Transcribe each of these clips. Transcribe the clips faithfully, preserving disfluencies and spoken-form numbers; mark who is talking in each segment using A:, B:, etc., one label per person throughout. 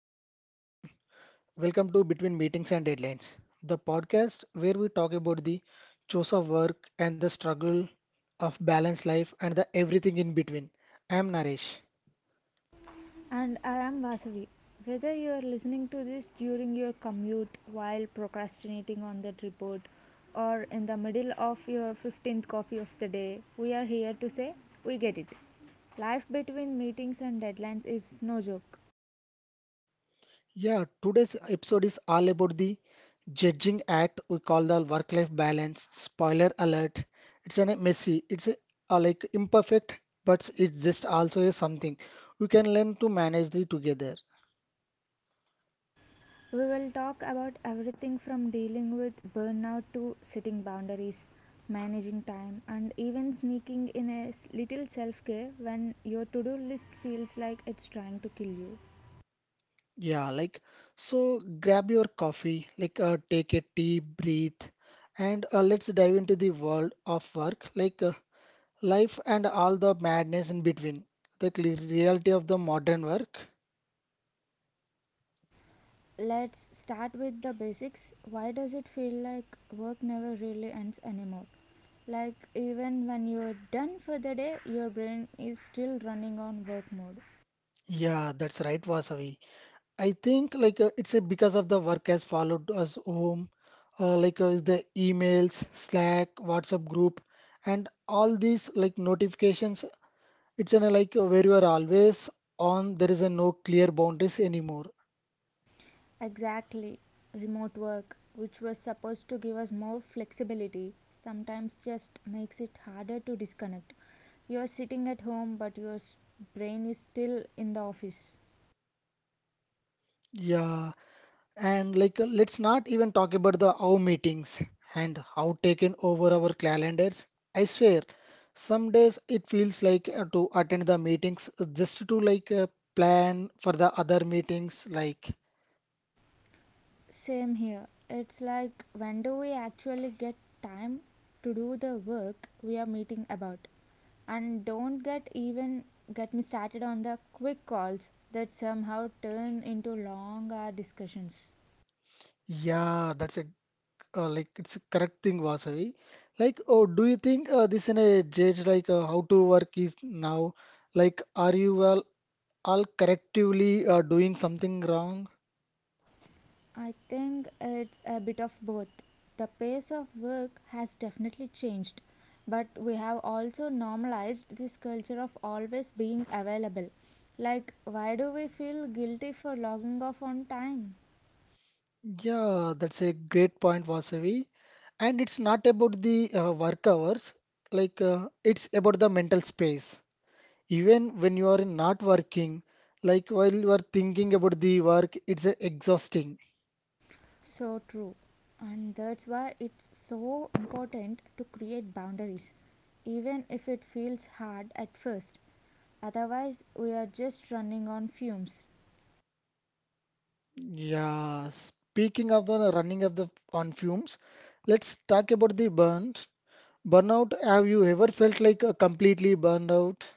A: Hello everyone, welcome to Between Meetings and Deadlines, the podcast where we talk about the chores of work and the struggle of balanced life and the everything in between. I am Naresh. Yeah, today's episode is all about the judging act we call the work-life balance. Spoiler alert, it's a messy, it's a, uh, like imperfect, but it's just also a something we can learn to manage the together. Yeah, like so grab your coffee, like uh, take a deep breath and uh, let's dive into the world of work, like uh, life and all the madness in between. like, The cl- reality of the modern work. Yeah, that's right, Vasavi. I think like uh, it's uh, because of the work has followed us home, uh, like uh, the emails, Slack, WhatsApp group, and all these like notifications. It's in a, like uh, where you are always on. There is a no clear boundaries anymore. Yeah, and like uh, let's not even talk about the how meetings and how taken over our calendars. I swear, some days it feels like uh, to attend the meetings uh, just to like uh, plan for the other meetings. Like, yeah, that's a uh, like It's a correct thing, Vasavi. Like, oh, do you think uh, this in a judge like uh, how to work is now? Like, are you all all correctively uh, doing something wrong? Yeah, that's a great point, Vasavi. And it's not about the uh, work hours, like uh, it's about the mental space. Even when you are not working, like while you are thinking about the work, it's uh, exhausting. Yeah, speaking of the running of the on fumes, let's talk about the burn. Burnout, have you ever felt like a completely burned out?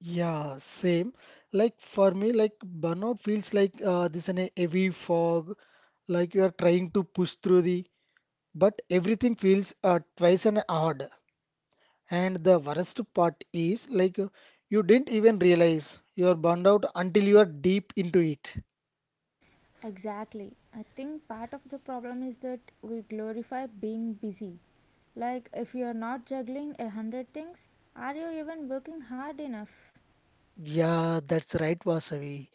A: Yeah, same. Like for me, like burnout feels like uh, this in a heavy fog, like you are trying to push through the but everything feels uh, twice an odd. And the worst part is like you didn't even realize you're burned out until you are deep into it. Yeah, that's right, Vasavi.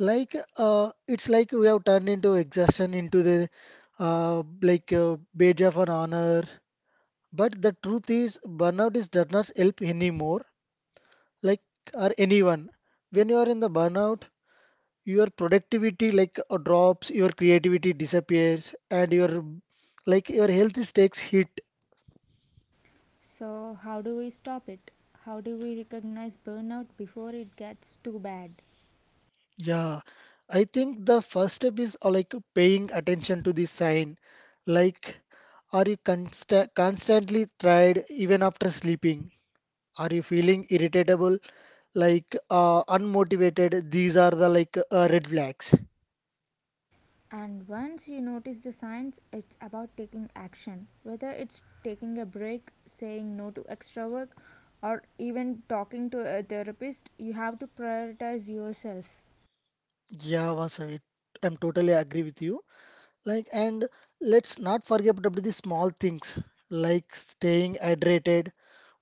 A: Like uh, it's like we have turned into exhaustion into the uh, like uh, badge of an honor. But the truth is, burnout is does not help anymore, like or anyone. When you are in the burnout, your productivity like uh, drops your creativity disappears and your like your health is takes hit. Yeah, I think the first step is uh, like paying attention to this sign. Like, are you consta- constantly tired even after sleeping? Are you feeling irritable, like uh, unmotivated? These are the like uh, red flags. Yeah, Vasavi, I'm totally agree with you. Like, and let's not forget about the small things like staying hydrated,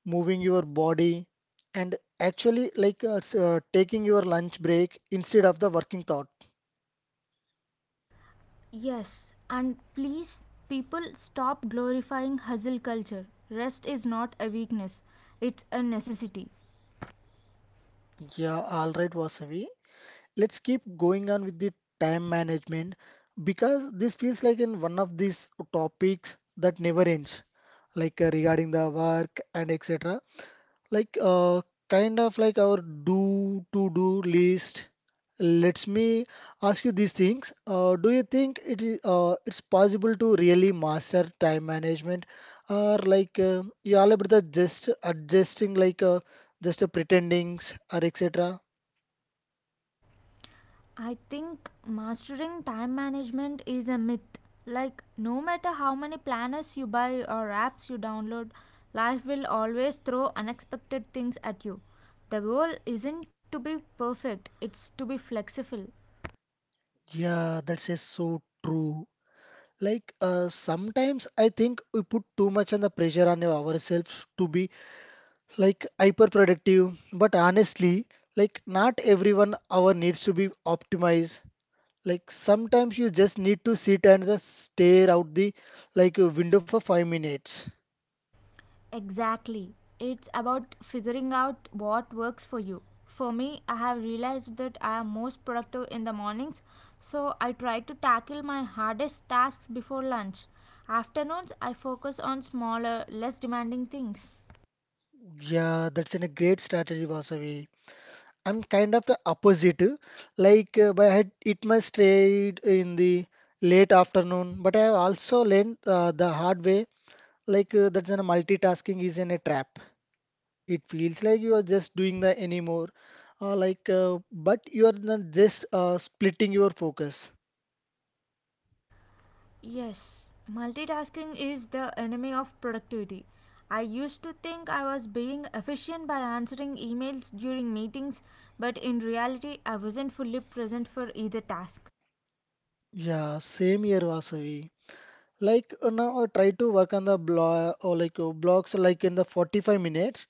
A: moving your body, and actually like uh, s- uh, taking your lunch break instead of the working thought.
B: Yes, and please, people stop glorifying hustle culture. Rest is not a weakness, it's a necessity.
A: Yeah, all right, Vasavi. Let's keep going on with the time management because this feels like in one of these topics that never ends, like uh, regarding the work and et cetera. Like uh, Kind of like our do to do list. Let me ask you these things. Uh, do you think it is uh, it's possible to really master time management, or like uh, you all about the just adjusting like uh, just uh, pretendings or et cetera.
B: I think mastering time management is a myth. Like, no matter how many planners you buy or apps you download, life will always throw unexpected things at you. The goal isn't to be perfect, it's to be flexible.
A: Yeah, that's just so true. Like uh, sometimes I think we put too much on the pressure on ourselves to be like hyper productive, but honestly, like not everyone hour needs to be optimized. Like sometimes you just need to sit and just stare out the like a window for five minutes.
B: Exactly. It's about figuring out what works for you. For me, I have realized that I am most productive in the mornings, so I try to tackle my hardest tasks before lunch. Afternoons, I focus on smaller, less demanding things.
A: Yeah, that's an- a great strategy, Vasavi. I'm kind of the opposite. Like uh, but I had it my straight in the late afternoon, but I have also learned uh, the hard way. Like uh, that's an multitasking is in a trap. It feels like you are just doing the anymore, uh, like uh, but you are not just uh, splitting your focus.
B: Yes, multitasking is the enemy of productivity. I used to think I was being efficient by answering emails during meetings, but in reality, I wasn't fully present for either task.
A: Yeah, same here, Vasavi. Like uh, now, I try to work on the blog or like uh, blocks like in the forty-five minutes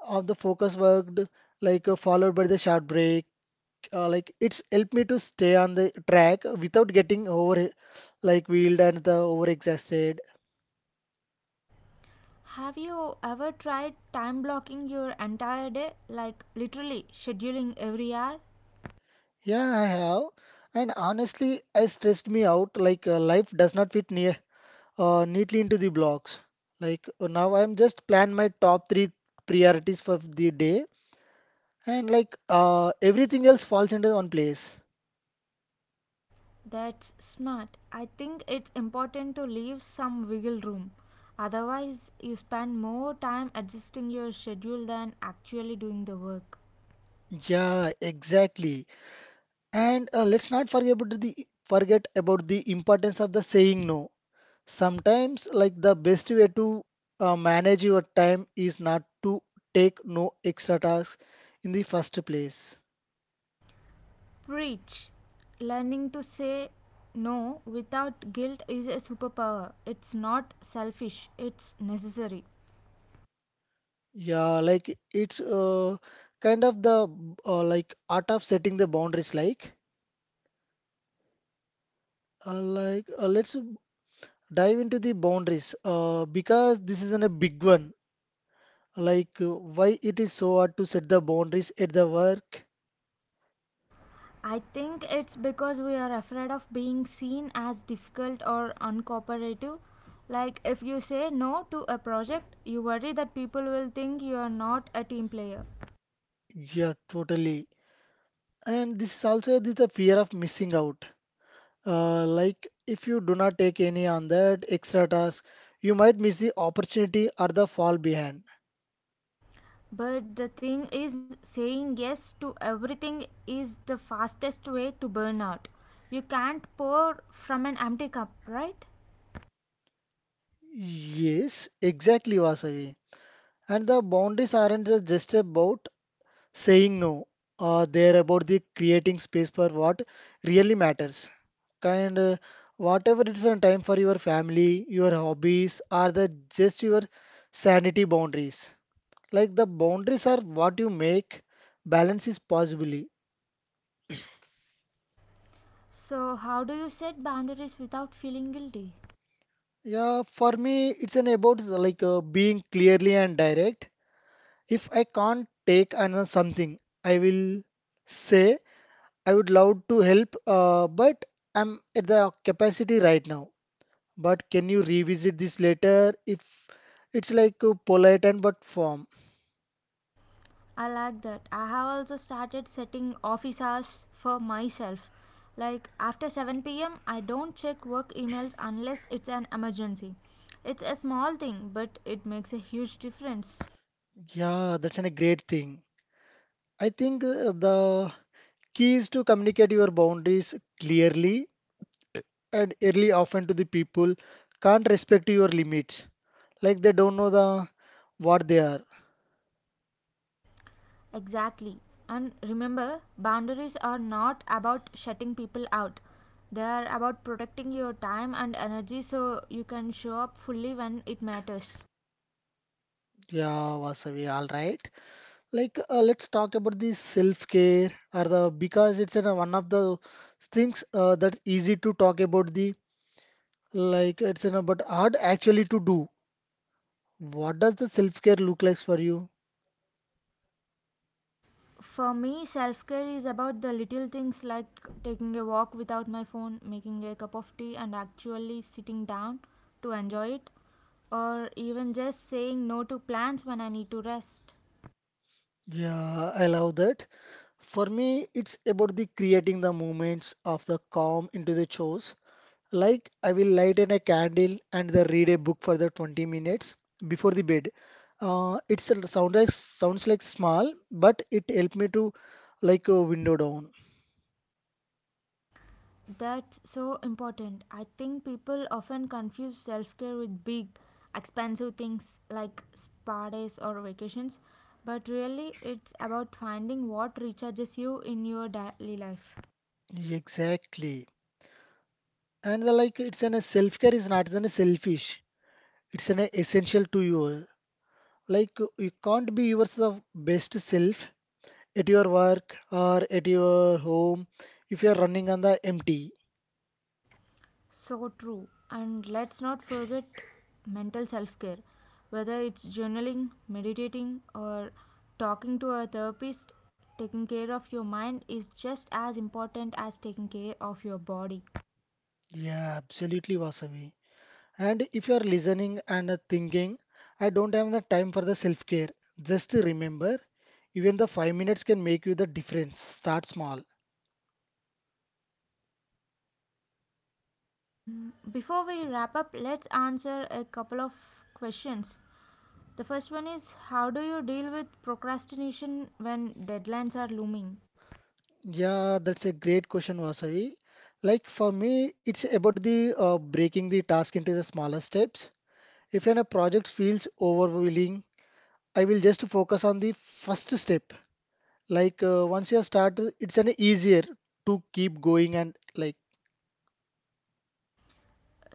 A: of the focus worked, like uh, followed by the short break. Uh, like it's helped me to stay on the track without getting over like wheeled and the over exhausted.
B: Have you ever tried time blocking your entire day? Like literally scheduling every hour?
A: Yeah, I have. And honestly, I stressed me out like uh, life does not fit near uh, neatly into the blocks. Like uh, now, I'm just plan my top three priorities for the day, and like uh, everything else falls into one place.
B: That's smart. I think it's important to leave some wiggle room. Otherwise, you spend more time adjusting your schedule than actually doing the work.
A: Yeah, exactly. And uh, let's not forget about the forget about the importance of the saying no. Sometimes, like the best way to uh, manage your time is not to take no extra tasks in the first place.
B: Preach. Learning to say no without guilt is a superpower. It's not selfish, it's necessary.
A: Yeah, like it's uh, kind of the uh, like art of setting the boundaries. Like, uh, like uh, let's dive into the boundaries uh, because this is an, a big one. Like uh, why it is so hard to set the boundaries at the work?
B: I think it's because we are afraid of being seen as difficult or uncooperative. Like, if you say no to a project, you worry that people will think you are not a team player.
A: Yeah, totally. And this is also this the fear of missing out. Uh, like if you do not take any on that extra task, you might miss the opportunity or the fall behind.
B: But the thing is, saying yes to everything is the fastest way to burn out. You can't pour from an empty cup, right?
A: Yes, exactly, Vasavi. And the boundaries aren't just about saying no. Uh, they're about the creating space for what really matters. Kind uh, Whatever it's a time for your family, your hobbies, or the just your sanity boundaries. Like the boundaries are what you make, balance is possibly.
B: So, how do you set boundaries without feeling guilty?
A: Yeah, for me, it's an about like uh, being clearly and direct. If I can't take another something, I will say I would love to help, uh, but I'm at the capacity right now. But can you revisit this later? If it's like uh, polite and but firm.
B: I like that. I have also started setting office hours for myself. Like after seven p m, I don't check work emails unless it's an emergency. It's a small thing, but it makes a huge difference.
A: Yeah, that's an- a great thing. I think uh, the key is to communicate your boundaries clearly and early often to the people can't respect your limits like they don't know the what they are.
B: Exactly. And remember, boundaries are not about shutting people out. They are about protecting your time and energy so you can show up fully when it matters.
A: Yeah, Vasavi, all right. Like uh, let's talk about the self-care or the because it's in a, one of the things uh, that's easy to talk about the like it's in a, but hard actually to do. What does the self-care look like for you?
B: For me, self care is about the little things like taking a walk without my phone, making a cup of tea, and actually sitting down to enjoy it, or even just saying no to plans when I need to rest.
A: Yeah, I love that. For me, it's about the creating the moments of the calm into the chores. Like I will light in a candle and then read a book for the twenty minutes before the bed. Uh, it's a sound like sounds like small, but it helped me to like a window down.
B: That's so important. I think people often confuse self care with big, expensive things like spa days or vacations, but really it's about finding what recharges you in your daily life.
A: Exactly. And the, like it's an a self-care is not an a selfish. It's an essential to you. Like you can't be yourself best self at your work or at your home if you are running on the empty.
B: So true. And let's not forget mental self care. Whether it's journaling, meditating, or talking to a therapist, taking care of your mind is just as important as taking care of your body.
A: Yeah, absolutely, Vasavi. And if you are listening and uh, thinking, I don't have the time for the self-care, just remember, even the five minutes can make you the difference. Start small.
B: Before we wrap up, let's answer a couple of questions. The first one is: how do you deal with procrastination when deadlines are looming?
A: Yeah, that's a great question, Vasavi. Like for me, it's about the uh, breaking the task into the smaller steps. If an a project feels overwhelming, I will just focus on the first step. Like uh, once you start, it's an easier to keep going and like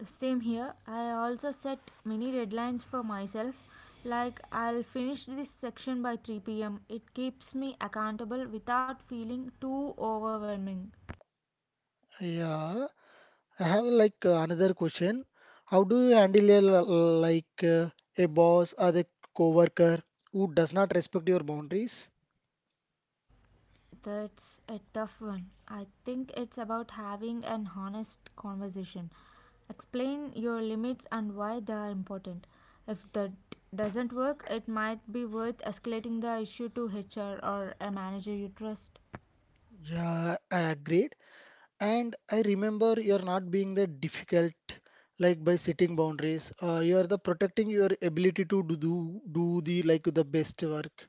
B: Same here. I also set many deadlines for myself, like I'll finish this section by three p m. It keeps me accountable without feeling too overwhelming.
A: yeah. I have like uh, another question. How do you handle a, l- like uh, a boss or a coworker who does not respect your boundaries?
B: That's a tough one. I think it's about having an honest conversation. Explain your limits and why they are important. If that doesn't work, it might be worth escalating the issue to H R or a manager you trust.
A: Yeah, I agreed. And I remember you're not being the difficult like by setting boundaries. Uh, you are the protecting your ability to do, do do the like the best work.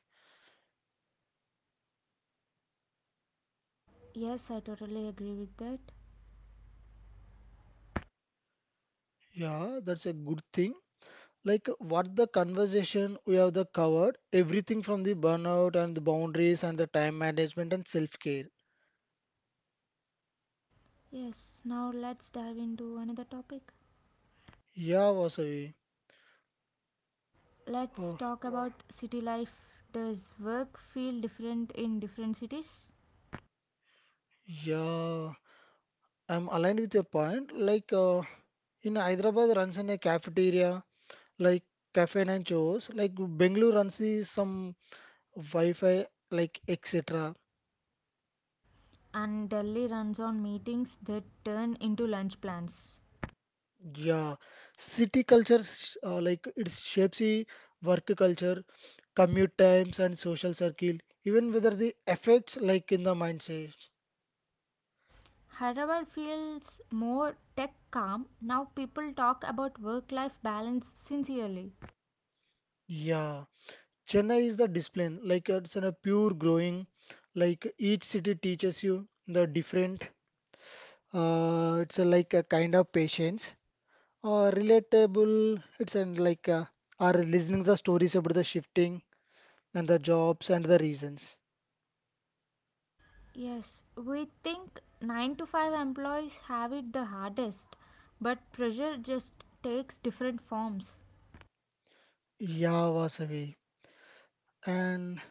B: Yes, I totally agree with that.
A: Yeah, that's a good thing. Like what the conversation we have the covered everything from the burnout and the boundaries and the time management and self-care.
B: Yes, now let's dive into another topic.
A: Yeah, Vasavi.
B: Let's
A: Oh,
B: talk about city life. Does work feel different in different cities?
A: yeah, I'm aligned with your point. Like uh, in Hyderabad runs in a cafeteria, like cafe and chores. Like Bengaluru runs is some Wi-Fi, like et cetera.
B: And Delhi runs on meetings that turn into lunch plans.
A: Yeah, city culture sh- uh, like it shapes the work culture, commute times, and social circle. Even whether the effects like in the mindset.
B: Hyderabad feels more tech calm. Now people talk about work life balance sincerely.
A: Yeah, Chennai is the discipline. Like it's in a pure growing. Like each city teaches you the different. Uh, it's a, like a kind of patience or relatable. It's and like uh, are listening the stories about the shifting and the jobs and the reasons.
B: Yes, we think nine to five employees have it the hardest, but pressure just takes different forms.
A: Yeah, Vasavi. And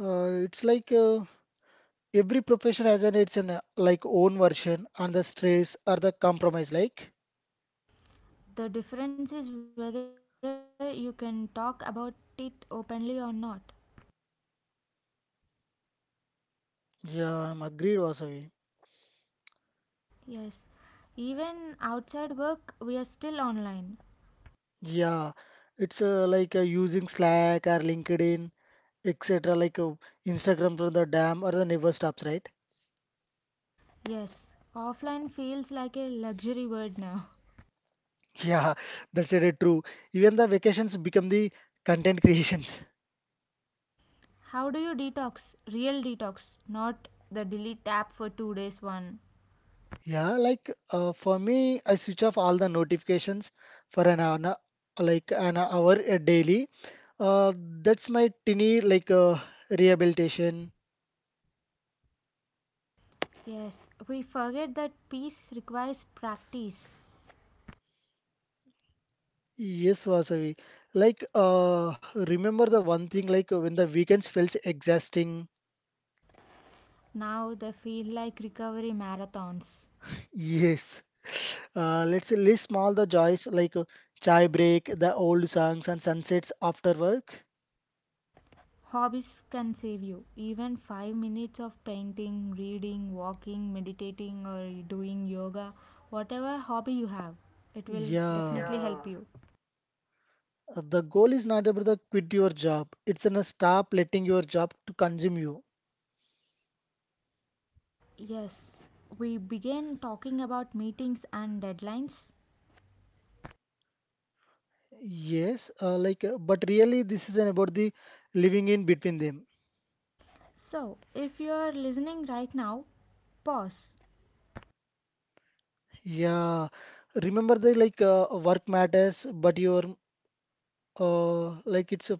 A: uh, it's like uh, every profession has an its an uh, like own version and the stress or the compromise. Like
B: The difference is whether you can talk about it openly or not.
A: yeah, I'm agreed, Vasavi.
B: Yes. Even outside work, we are still online.
A: Yeah, it's uh, like uh, using Slack or LinkedIn, et cetera. Like uh, Instagram for the dam or the never stops, right?
B: Yes. Offline feels like a luxury word now.
A: Yeah, that's very true. Even the vacations become the content creations.
B: How do you detox? Real detox, not the delete app for two days one.
A: Yeah, like uh, for me, I switch off all the notifications for an hour, like an hour a daily. Uh, that's my tiny like uh, rehabilitation.
B: Yes. We forget that peace requires practice.
A: Yes, Vasavi. Like uh, remember the one thing like when the weekends felt exhausting.
B: Now they feel like recovery marathons.
A: Yes. Uh, let's list small the joys like uh, chai break, the old songs and sunsets after work.
B: Hobbies can save you. Even five minutes of painting, reading, walking, meditating, or doing yoga, whatever hobby you have, it will
A: Yeah.
B: definitely yeah, help yeah, you.
A: Uh, The goal is not about the quit your job. It's an uh, stop letting your job to consume you.
B: Yes, we began talking about meetings and deadlines.
A: Yes, uh, like, uh, but really this is an about the living in between them.
B: So, if you are listening right now, pause,
A: Yeah, remember the like uh, work matters, but your uh, like it's uh,